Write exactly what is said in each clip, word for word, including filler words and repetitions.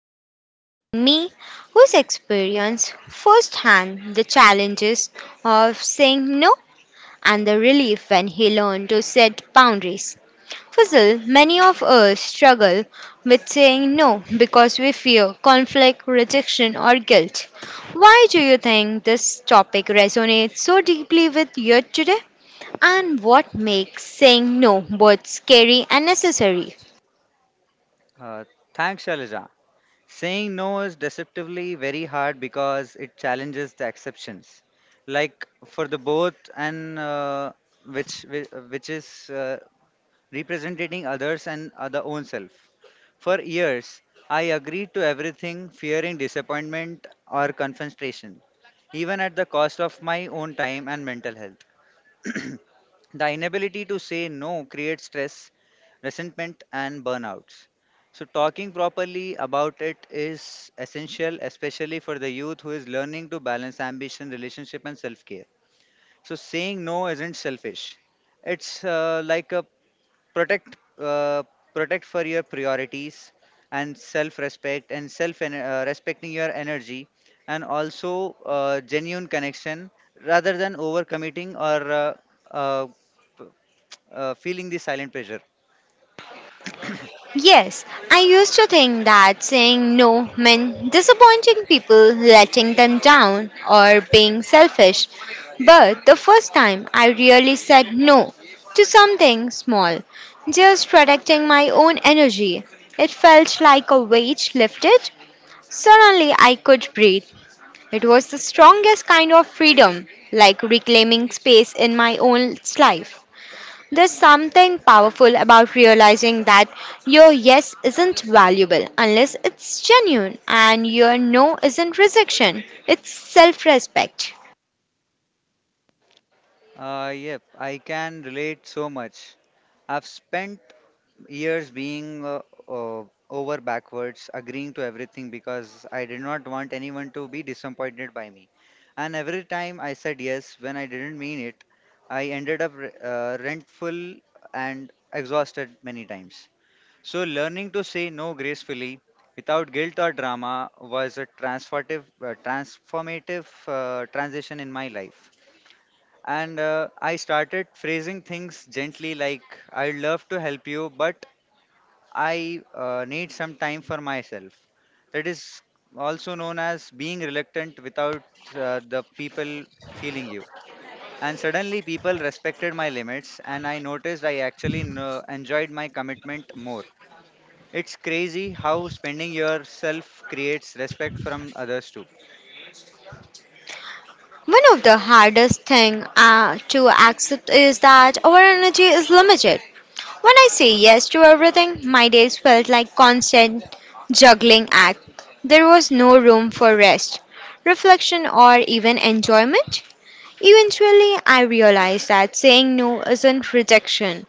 Fazal joining me who's experienced firsthand the challenges of saying no and the relief when he learned to set boundaries. Fazal, many of us struggle with saying no because we fear conflict, rejection or guilt. Why do you think this topic resonates so deeply with you today? And what makes saying no both scary and necessary? Uh, Thanks, Shailaja. Saying no is deceptively very hard because it challenges the exceptions. Like for the both and uh, which which which is uh, representing others and other own self. For years, I agreed to everything, fearing disappointment or confrontation, even at the cost of my own time and mental health. The inability to say no creates stress, resentment, and burnouts. So, talking properly about it is essential, especially for the youth who is learning to balance ambition, relationship, and self care. So, saying no isn't selfish, it's uh, like a protect, uh, protect for your priorities and self respect and self uh, respecting your energy and also uh, genuine connection rather than overcommitting or uh, uh, uh, feeling the silent pressure. Yes, I used to think that saying no meant disappointing people, letting them down, or being selfish. But the first time I really said no to something small, just protecting my own energy, it felt like a weight lifted. Suddenly I could breathe. It was the strongest kind of freedom, like reclaiming space in my own life. There's something powerful about realizing that your yes isn't valuable unless it's genuine and your no isn't rejection. It's self-respect. Uh, yep, I can relate so much. I've spent years being uh, uh, over backwards, agreeing to everything because I did not want anyone to be disappointed by me. And every time I said yes when I didn't mean it, I ended up re- uh, rentful and exhausted many times. So, learning to say no gracefully without guilt or drama was a transformative, uh, transformative uh, transition in my life. And uh, I started phrasing things gently, like, I'd love to help you, but I uh, need some time for myself. That is also known as being reluctant without uh, the people feeling you. And suddenly, people respected my limits, and I noticed I actually kno- enjoyed my commitment more. It's crazy how spending yourself creates respect from others too. One of the hardest things uh, to accept is that our energy is limited. When I say yes to everything, my days felt like constant juggling act. There was no room for rest, reflection or even enjoyment. Eventually, I realized that saying no isn't rejection,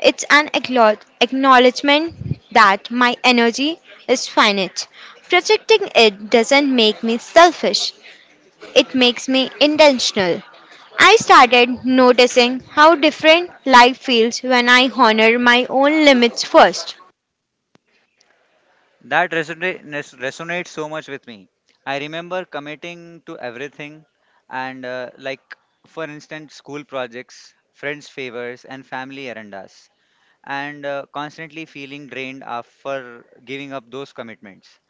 it's an acknowl- acknowledgement that my energy is finite. Protecting it doesn't make me selfish, it makes me intentional. I started noticing how different life feels when I honor my own limits first. That resonate, res- resonates so much with me. I remember committing to everything, and uh, like, for instance, school projects, friends' favors, and family agendas, and uh, constantly feeling drained after giving up those commitments.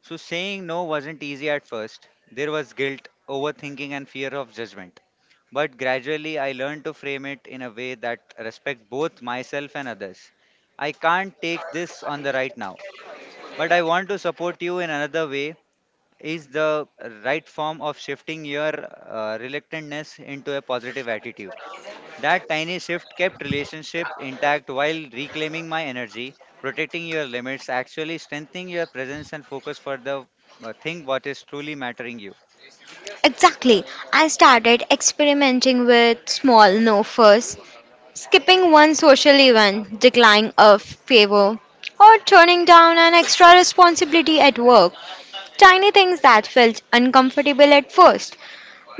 So, saying no wasn't easy at first. There was guilt, overthinking, and fear of judgment. But gradually, I learned to frame it in a way that respect both myself and others. I can't take this on the right now but I want to support you in another way is the right form of shifting your uh, reluctantness into a positive attitude. That tiny shift kept relationship intact while reclaiming my energy, protecting your limits, actually strengthening your presence and focus for the uh, thing what is truly mattering you. Exactly, I started experimenting with small no first. Skipping one social event, declining a favor, or turning down an extra responsibility at work. Tiny things that felt uncomfortable at first,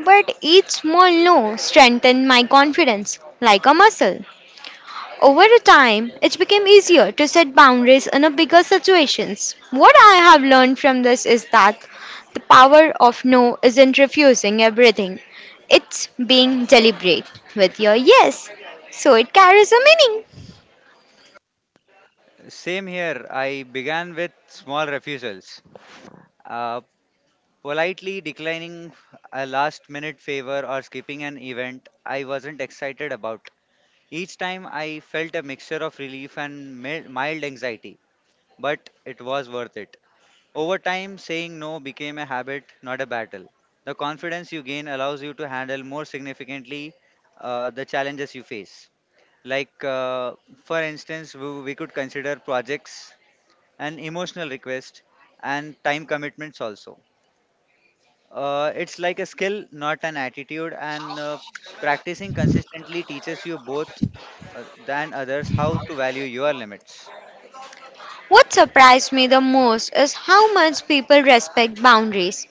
but each small no strengthened my confidence like a muscle. Over the time, it became easier to set boundaries in a bigger situations. What I have learned from this is that the power of no isn't refusing everything. It's being deliberate with your yes. So it carries a meaning. Same here. I began with small refusals. Uh, Politely declining a last minute favor or skipping an event I wasn't excited about. Each time I felt a mixture of relief and mil- mild anxiety, but it was worth it. Over time, saying no became a habit, not a battle. The confidence you gain allows you to handle more significantly uh, the challenges you face. Like, uh, for instance, we, we could consider projects and emotional request and time commitments also. Uh, it's like a skill, not an attitude, and uh, practicing consistently teaches you both uh, than others how to value your limits. What surprised me the most is how much people respect boundaries.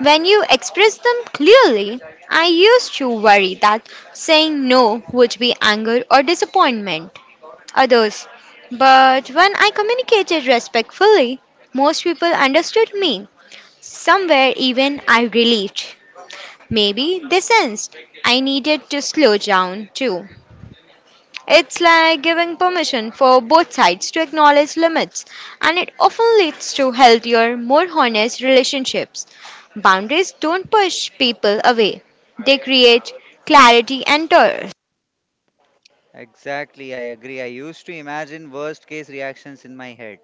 When you express them clearly, I used to worry that saying no would be anger or disappointment others. But when I communicated respectfully, most people understood me. Somewhere even I relieved. Maybe they sensed I needed to slow down too. It's like giving permission for both sides to acknowledge limits, and it often leads to healthier, more honest relationships. Boundaries don't push people away, they create clarity and trust. Exactly, I agree. I used to imagine worst case reactions in my head,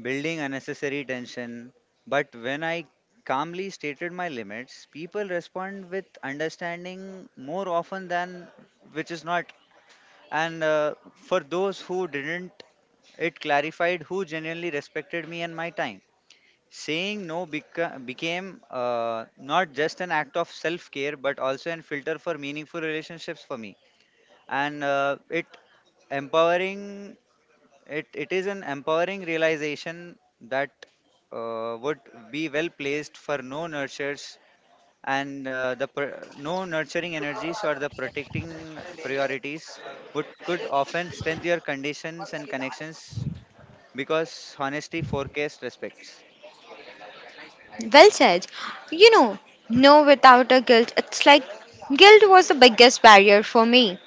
building unnecessary tension. But when I calmly stated my limits, people respond with understanding more often than which is not. And uh, for those who didn't, it clarified who genuinely respected me and my time. Saying no beca- became uh, not just an act of self care, but also a filter for meaningful relationships for me. And uh, it empowering it, it is an empowering realization that uh, would be well placed for no nurtures and uh, the pr- no nurturing energies or the protecting priorities would could often strengthen your conditions and connections because honesty forecast respects. Well said. You know, no without a guilt, it's like guilt was the biggest barrier for me.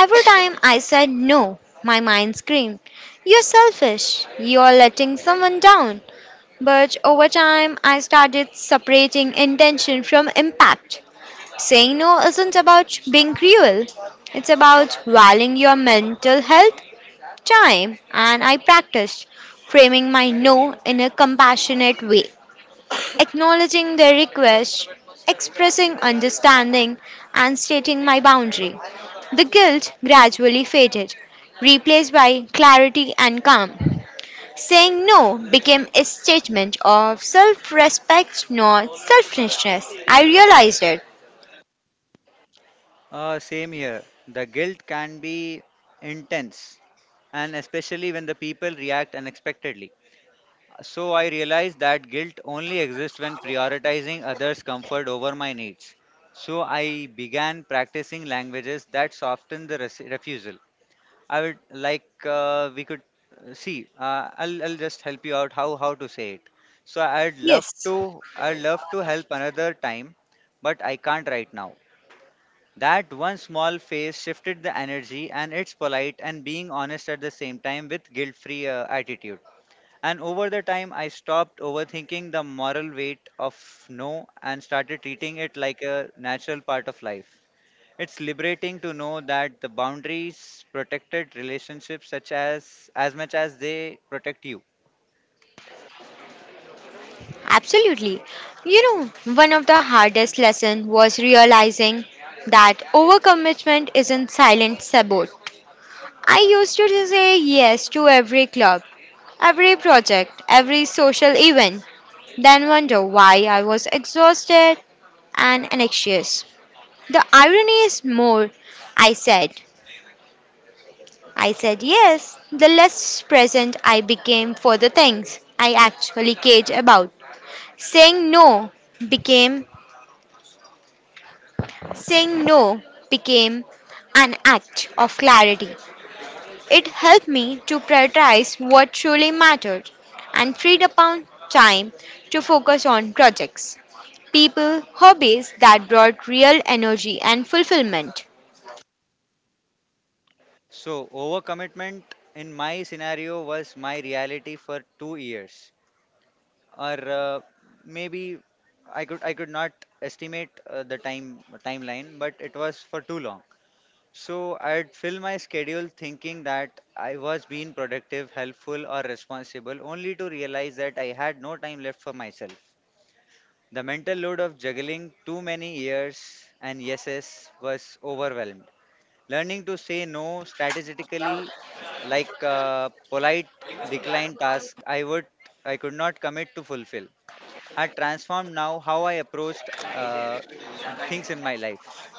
Every time I said no, my mind screamed, You're selfish, you're letting someone down. But over time, I started separating intention from impact. Saying no isn't about being cruel, it's about valuing your mental health, time, and I practiced framing my no in a compassionate way, acknowledging their request, expressing understanding, and stating my boundary. The guilt gradually faded, replaced by clarity and calm. Saying no became a statement of self respect, not selfishness. I realized it. Uh, same here, the guilt can be intense and especially when the people react unexpectedly. So I realized that guilt only exists when prioritizing others' comfort over my needs. So I began practicing languages that soften the res- refusal. I would like uh, we could uh, see. Uh, I'll I'll just help you out how how to say it. So I'd love Yes, to I'd love to help another time, but I can't right now. That one small face shifted the energy, and it's polite and being honest at the same time with guilt-free uh, attitude. And over the time, I stopped overthinking the moral weight of no and started treating it like a natural part of life. It's liberating to know that the boundaries protected relationships such as as much as they protect you. absolutely. You know, one of the hardest lessons was realizing that overcommitment isn't silent sabot. I used to say yes to every club, every project, every social event, then wonder why I was exhausted and anxious. The irony is more, I said. I said yes. The less present I became for the things I actually cared about. Saying no became saying no became an act of clarity. It helped me to prioritize what truly mattered and freed up time to focus on projects, people, hobbies that brought real energy and fulfillment. So, overcommitment in my scenario was my reality for two years or uh, maybe I could I could not estimate uh, the time timeline but it was for too long. So I'd fill my schedule thinking that I was being productive, helpful, or responsible, only to realize that I had no time left for myself. The mental load of juggling too many years and yeses was overwhelmed. Learning to say no strategically, like uh, polite decline task, I would I could not commit to fulfill. I transformed now how I approached uh, things in my life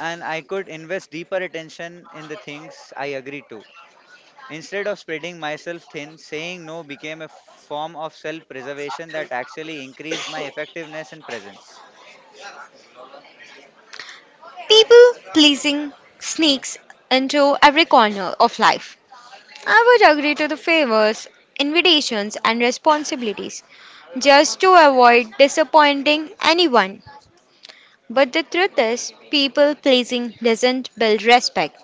and I could invest deeper attention in the things I agree to. Instead of spreading myself thin, saying no became a form of self preservation that actually increased my effectiveness and presence. People pleasing sneaks into every corner of life. I would agree to the favors, invitations, and responsibilities just to avoid disappointing anyone. But the truth is, people pleasing doesn't build respect,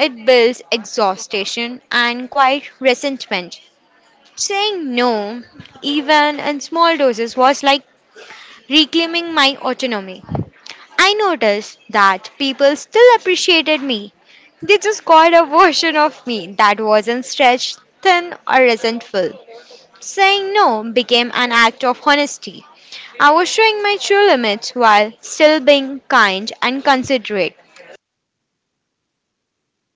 it builds exhaustion and quiet resentment. Saying no, even in small doses, was like reclaiming my autonomy. I noticed that people still appreciated me. They just got a version of me that wasn't stretched thin or resentful. Saying no became an act of honesty. I was showing my true limits while still being kind and considerate.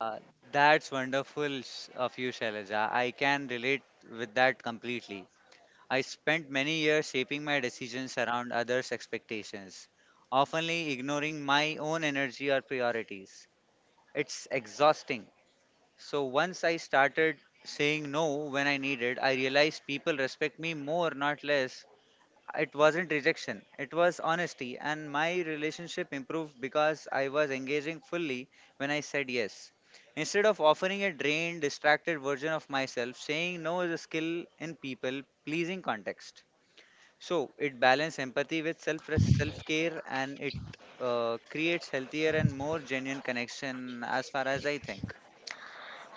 Uh, that's wonderful s- of you, Shailaja. I can relate with that completely. I spent many years shaping my decisions around others' expectations, often ignoring my own energy or priorities. It's exhausting. So once I started saying no when I needed, I realized people respect me more, not less. It wasn't rejection, it was honesty, and my relationship improved because I was engaging fully when I said yes. Instead of offering a drained, distracted version of myself, saying no is a skill in people pleasing context. So it balances empathy with self self care and it uh, creates healthier and more genuine connection as far as I think.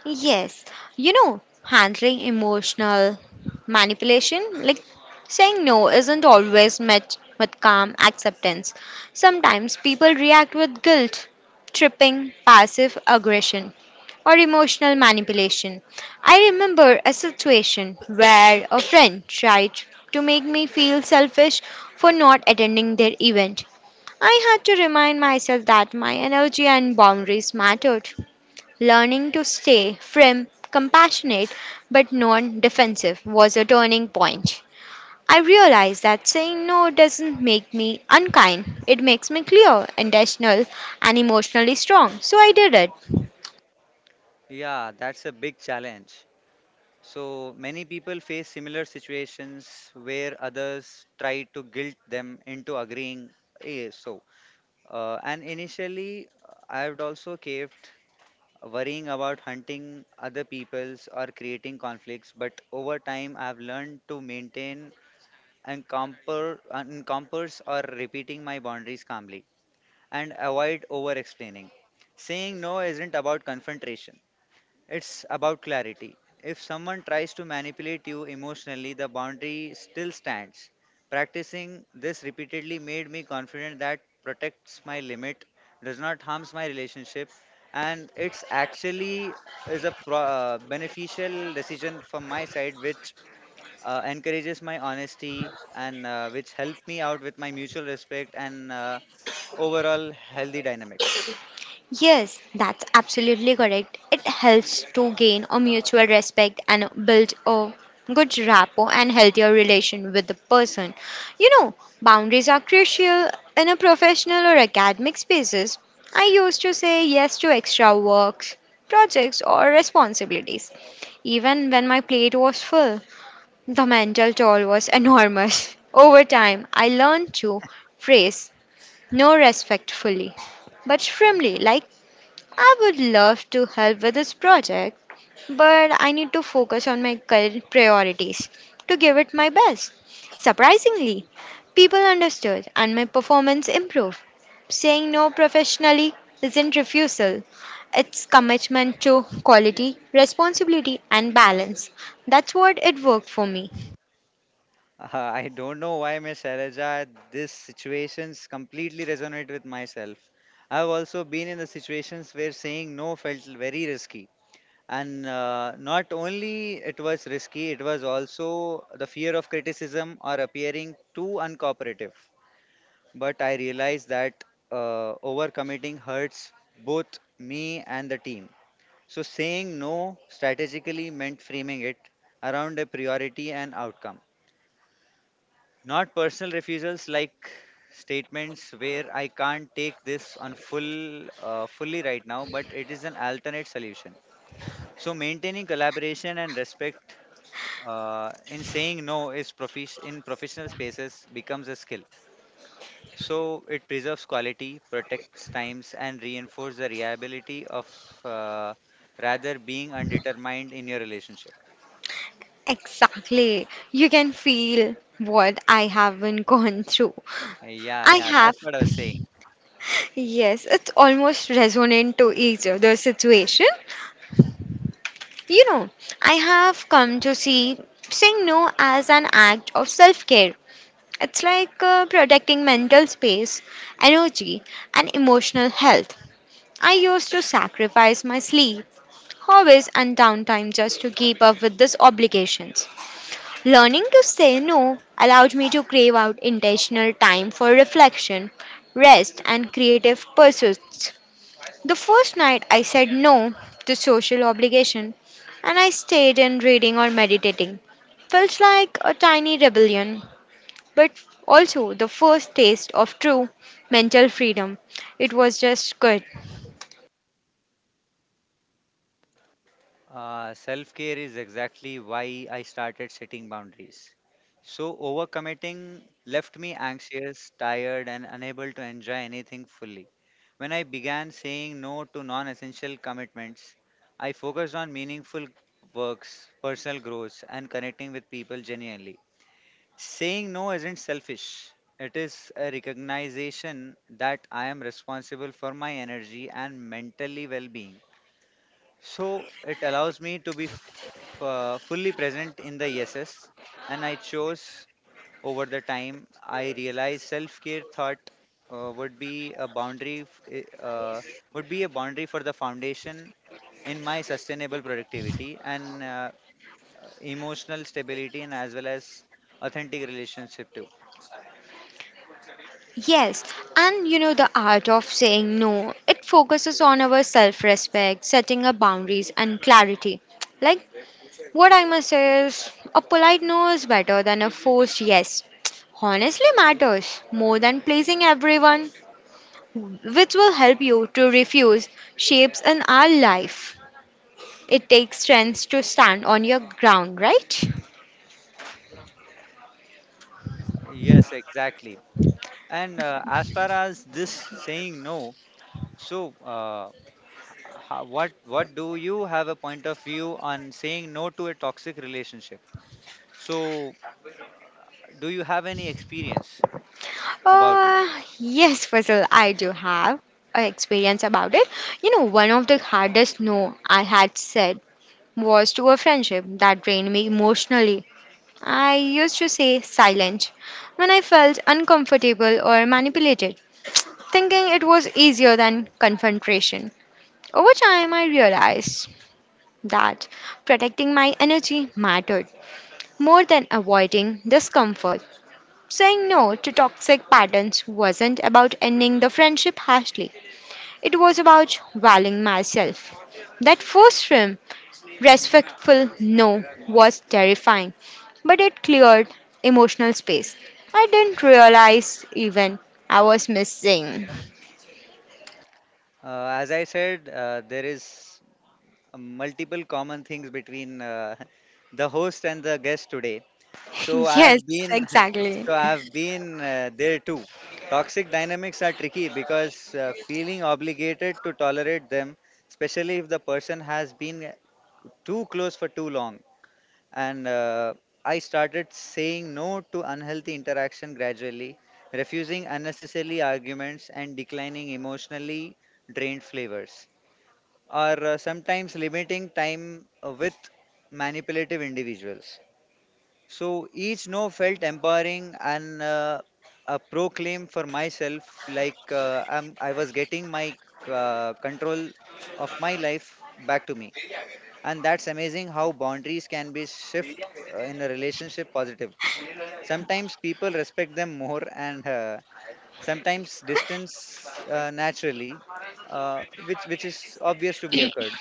Yes, you know, handling emotional manipulation, like saying no, isn't always met with calm acceptance. Sometimes people react with guilt, tripping, passive aggression, or emotional manipulation. I remember a situation where a friend tried to make me feel selfish for not attending their event. I had to remind myself that my energy and boundaries mattered. Learning to stay firm, compassionate, but non defensive was a turning point. I realized that saying no doesn't make me unkind. It makes me clear, intentional, and emotionally strong. So I did it. Yeah, that's a big challenge. So many people face similar situations where others try to guilt them into agreeing. "Eh, so, uh, and initially, uh, I have also kept worrying about hunting other people's or creating conflicts. But over time, I have learned to maintain and compare, encompass or repeating my boundaries calmly and avoid over explaining. Saying no isn't about confrontation, it's about clarity. If someone tries to manipulate you emotionally, the boundary still stands. Practicing this repeatedly made me confident that protects my limit, does not harms my relationship, and it's actually is a pro- uh, beneficial decision from my side, which uh, encourages my honesty and uh, which helped me out with my mutual respect and uh, overall healthy dynamics. Yes, that's absolutely correct. It helps to gain a mutual respect and build a good rapport and healthier relation with the person. You know, boundaries are crucial in a professional or academic spaces. I used to say yes to extra works, projects or responsibilities even when my plate was full. The mental toll was enormous. Over time, I learned to phrase no respectfully but firmly like I would love to help with this project, but I need to focus on my current priorities to give it my best. Surprisingly, people understood and my performance improved. Saying no professionally isn't refusal, it's commitment to quality, responsibility, and balance. That's what it worked for me. Uh, I don't know why, Miss Shailaja, these situations completely resonate with myself. I've also been in the situations where saying no felt very risky. And uh, not only it was risky, it was also the fear of criticism or appearing too uncooperative. But I realized that uh, overcommitting hurts both me and the team. So saying no strategically meant framing it around a priority and outcome, not personal refusals like statements where I can't take this on full uh, fully right now, but it is an alternate solution. So maintaining collaboration and respect uh, in saying no is profish in professional spaces becomes a skill. So it preserves quality, protects times, and reinforces the reliability of uh, rather being undetermined in your relationship. Exactly. You can feel what I have been gone through. Yeah, I yeah, have. that's what I was saying. Yes, it's almost resonant to each other's situation. You know, I have come to see saying no as an act of self care. It's like uh, protecting mental space, energy, and emotional health. I used to sacrifice my sleep, hobbies, and downtime just to keep up with these obligations. Learning to say no allowed me to crave out intentional time for reflection, rest, and creative pursuits. The first night I said no to social obligation and I stayed in reading or meditating. Felt like a tiny rebellion, but also the first taste of true mental freedom. It was just good. Uh, Self care is exactly why I started setting boundaries. So, overcommitting left me anxious, tired, and unable to enjoy anything fully. When I began saying no to non essential commitments, I focused on meaningful works, personal growth, and connecting with people genuinely. Saying no isn't selfish, it is a recognition that I am responsible for my energy and mentally well being. So it allows me to be f- uh, fully present in the yeses, and I chose over the time. I realized self-care thought uh, would be a boundary f- i- uh, would be a boundary for the foundation in my sustainable productivity and uh, emotional stability, and as well as authentic relationship too. Yes, and you know the art of saying no. It focuses on our self respect, setting up boundaries, and clarity. Like, what I must say is a polite no is better than a forced yes. Honestly, matters more than pleasing everyone. Which will help you to refuse shapes in our life. It takes strength to stand on your ground, right? Yes, exactly. And uh, as far as this saying no, so. Uh, how, what what do you have a point of view on saying no to a toxic relationship, so do you have any experience about it? Uh, yes, Faisal, I do have a experience about it. You know, one of the hardest no I had said was to a friendship that drained me emotionally. I used to say silent when I felt uncomfortable or manipulated, thinking it was easier than confrontation. Over time, I realized that protecting my energy mattered more than avoiding discomfort. Saying no to toxic patterns wasn't about ending the friendship harshly, it was about valuing myself. That first rim, respectful no, was terrifying, but it cleared emotional space. I didn't realize even I was missing. Uh, as I said, uh, there is uh, multiple common things between uh, the host and the guest today, so I Yes, have been exactly. so I have been uh, there too. Toxic dynamics are tricky because uh, feeling obligated to tolerate them, especially if the person has been too close for too long, and uh, I started saying no to unhealthy interaction gradually, refusing unnecessary arguments and declining emotionally drained flavors, or uh, sometimes limiting time uh, with manipulative individuals. So each no felt empowering and uh, a proclaim for myself, like uh, I'm, I was getting my uh, control of my life back to me, and that's amazing how boundaries can be shift uh, in a relationship positively. Sometimes people respect them more, and uh, sometimes distance uh, naturally, uh, which which is obvious to be occurred.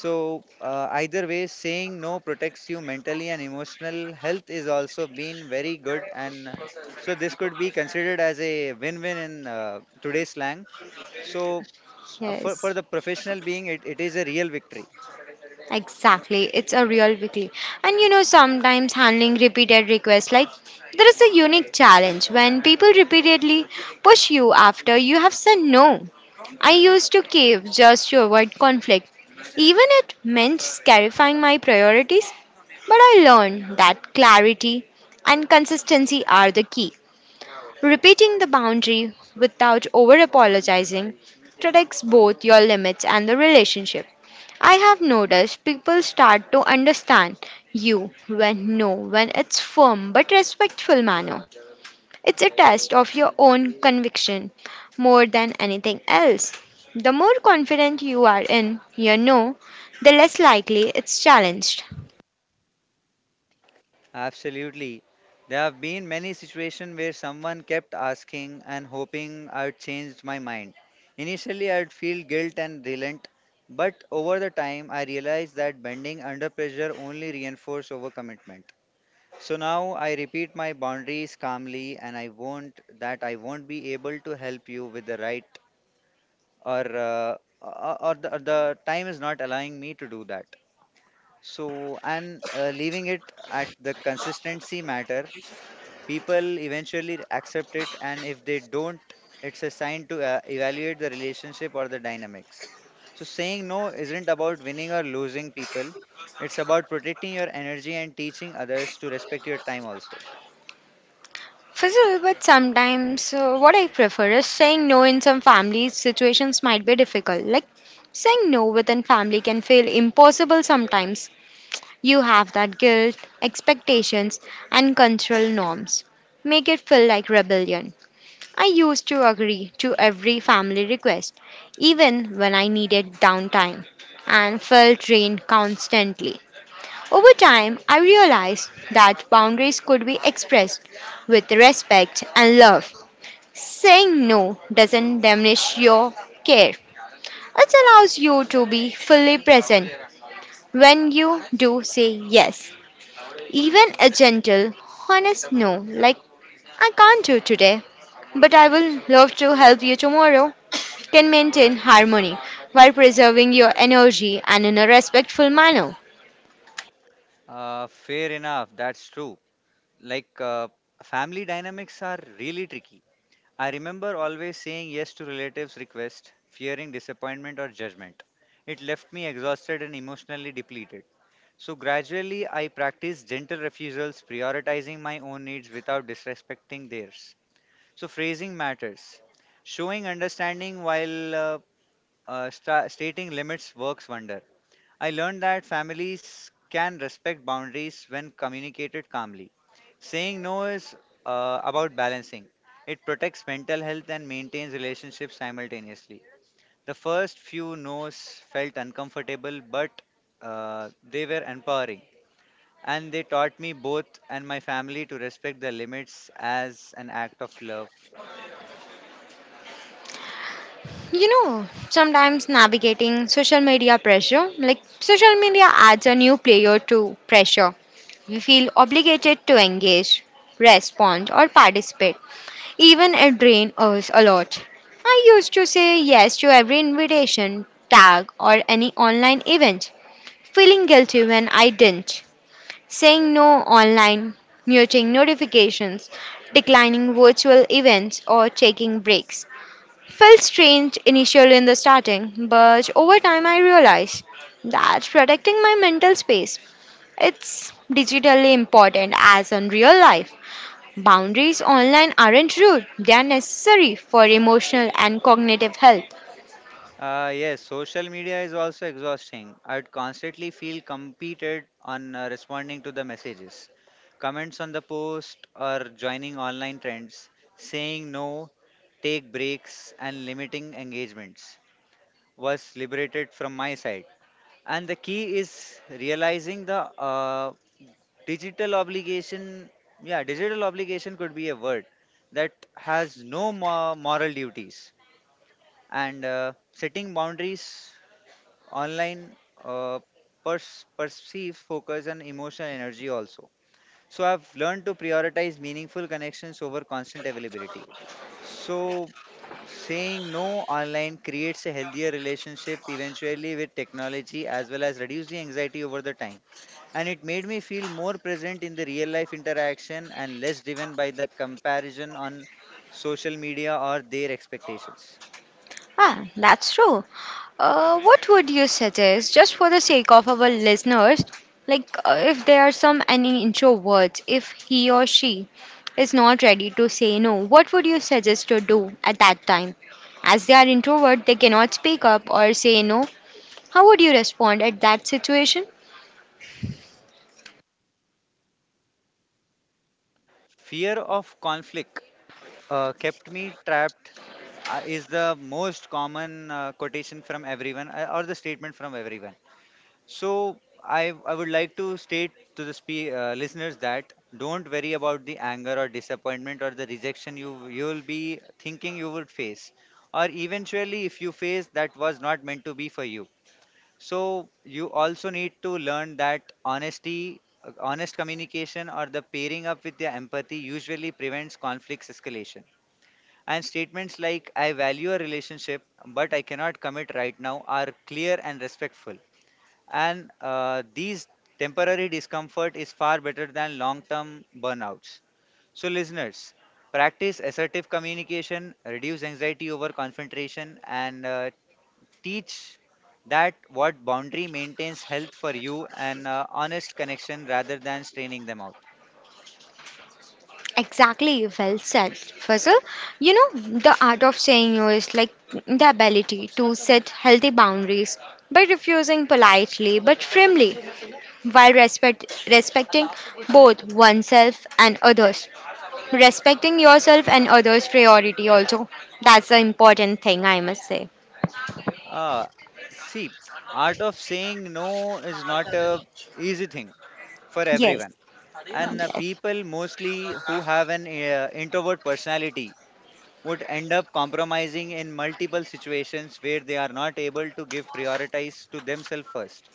So uh, either way, saying no protects you mentally, and emotional health is also been very good, and uh, so this could be considered as a win-win in uh, today's slang. So uh, for, for Yes. the professional being it, it is a real victory. Exactly, it's a real weekly. And you know, sometimes handling repeated requests, like there is a unique challenge when people repeatedly push you after you have said no. I used to cave just to avoid conflict, even it meant clarifying my priorities, but I learned that clarity and consistency are the key. Repeating the boundary without over apologizing protects both your limits and the relationship. I have noticed people start to understand you when no when it's firm but respectful manner. It's a test of your own conviction more than anything else. The more confident you are in your no, the less likely it's challenged. Absolutely. There have been many situations where someone kept asking and hoping I'd changed my mind. Initially, I'd feel guilt and relent, but over the time, I realized that bending under pressure only reinforced overcommitment. So now I repeat my boundaries calmly, and I won't that I won't be able to help you with the right, or uh, or, or the, or the time is not allowing me to do that. So and uh, leaving it at the consistency matter, people eventually accept it, and if they don't, it's a sign to uh, evaluate the relationship or the dynamics. So, saying no isn't about winning or losing people, it's about protecting your energy and teaching others to respect your time also. Fizzle, but sometimes uh, what I prefer is saying no in some family situations might be difficult. Like saying no within family can feel impossible sometimes. You have that guilt, expectations, and cultural norms. Make it feel like rebellion. I used to agree to every family request, even when I needed downtime, and felt drained constantly. Over time, I realized that boundaries could be expressed with respect and love. Saying no doesn't diminish your care, it allows you to be fully present when you do say yes. Even a gentle, honest no, like I can't do today, but I will love to help you tomorrow, can maintain harmony while preserving your energy and in a respectful manner. Uh, fair enough. That's true. Like, uh, family dynamics are really tricky. I remember always saying yes to relatives' requests, fearing disappointment or judgment. It left me exhausted and emotionally depleted. So gradually, I practiced gentle refusals, prioritizing my own needs without disrespecting theirs. So phrasing matters. Showing understanding while uh, uh, sta- stating limits works wonder. I learned that families can respect boundaries when communicated calmly. Saying no is uh, about balancing. It protects mental health and maintains relationships simultaneously. The first few no's felt uncomfortable, but uh, they were empowering, and they taught me both and my family to respect the limits as an act of love. You know, sometimes navigating social media pressure, like social media adds a new player to pressure We feel obligated to engage, respond, or participate, even it drains us a lot. I used to say yes to every invitation, tag, or any online event, feeling guilty when I didn't. Saying no online, muting notifications, declining virtual events, or taking breaks. Felt strange initially in the starting, but over time I realized that's protecting my mental space. It's digitally important as in real life. Boundaries online aren't rude, they are necessary for emotional and cognitive health. Uh, yes, social media is also exhausting. I'd constantly feel competed on uh, responding to the messages, comments on the post, or joining online trends. Saying no, take breaks, and limiting engagements was liberated from my side. And the key is realizing the uh, digital obligation, yeah, digital obligation could be a word that has no mo- moral duties, and uh, setting boundaries online uh, pers- perceive focus and emotional energy also. So I've learned to prioritize meaningful connections over constant availability. So saying no online creates a healthier relationship eventually with technology, as well as reduce the anxiety over the time, and it made me feel more present in the real life interaction and less driven by the comparison on social media or their expectations. Ah, that's true. Uh, what would you suggest, just for the sake of our listeners, like uh, if there are some any introverts, if he or she is not ready to say no, what would you suggest to do at that time? As they are introvert, they cannot speak up or say no. How would you respond at that situation? Fear of conflict uh, kept me trapped uh, is the most common uh, quotation from everyone, uh, or the statement from everyone. So I I would like to state to the spe- uh, listeners that don't worry about the anger or disappointment or the rejection you you'll be thinking you would face, or eventually if you face, that was not meant to be for you. So you also need to learn that honesty uh, honest communication or the pairing up with your empathy usually prevents conflicts escalation, and statements like I value a relationship but I cannot commit right now are clear and respectful, and uh, these temporary discomfort is far better than long term burnouts. So, listeners, practice assertive communication, reduce anxiety over concentration, and uh, teach that what boundary maintains health for you, and uh, honest connection rather than straining them out. Exactly, well said, Fazal. You know, the art of saying no is like the ability to set healthy boundaries by refusing politely but firmly while respect, respecting both oneself and others. Respecting yourself and others' priority also. That's the important thing, I must say. Uh, See, art of saying no is not a easy thing for Yes, everyone, and uh, people mostly who have an uh, introvert personality would end up compromising in multiple situations where they are not able to give prioritize to themselves first.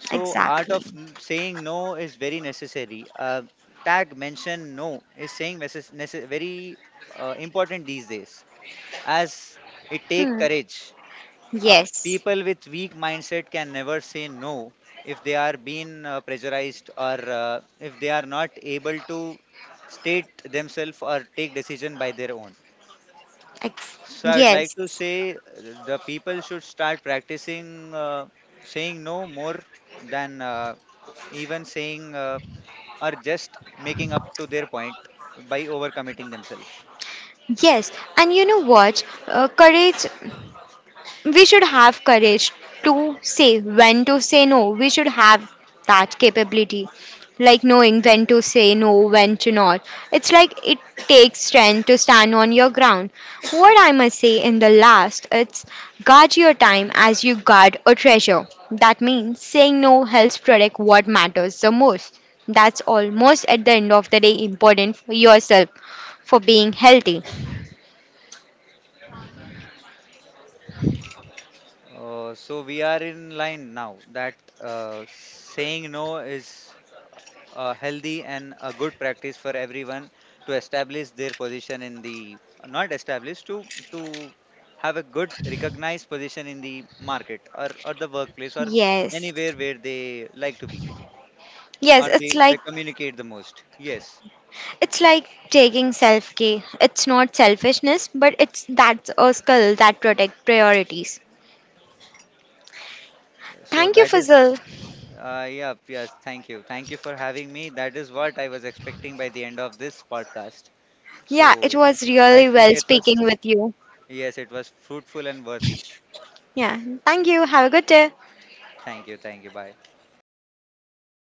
So, art exactly. of n- saying no is very necessary. Uh, tag mention no is saying necess- necess- very uh, important these days, as it take Hmm. courage. Uh, Yes, People with weak mindset can never say no if they are being uh, pressurized, or uh, if they are not able to state themselves or take decision by their own. ex- So I would like yes. to say uh, the people should start practicing uh, saying no more than uh, even saying uh, or just making up to their point by overcommitting themselves. Yes, and you know what? Uh, courage we should have courage to say when to say no. We should have that capability, like knowing when to say no, when to not. It's like it takes strength to stand on your ground. What I must say in the last, it's guard your time as you guard a treasure. That means saying no helps protect what matters the most. That's almost at the end of the day important for yourself, for being healthy. Uh, so we are in line now that uh, saying no is uh, healthy and a good practice for everyone to establish their position in the not establish to to have a good recognized position in the market, or, or the workplace, or anywhere Yes. where they like to be, Yes, or it's they, they like communicate the most. Yes, It's like taking self care. It's not selfishness, but it's that's a skill that protects priorities. so Thank you, that is Fazil. uh, yeah, yes, thank you, thank you for having me. That is what I was expecting by the end of this podcast. Yeah, it So was I really think well it was, speaking with you. yes, it was fruitful and worthy. Yeah, thank you. Have a good day. Thank you, thank you, bye. Bye.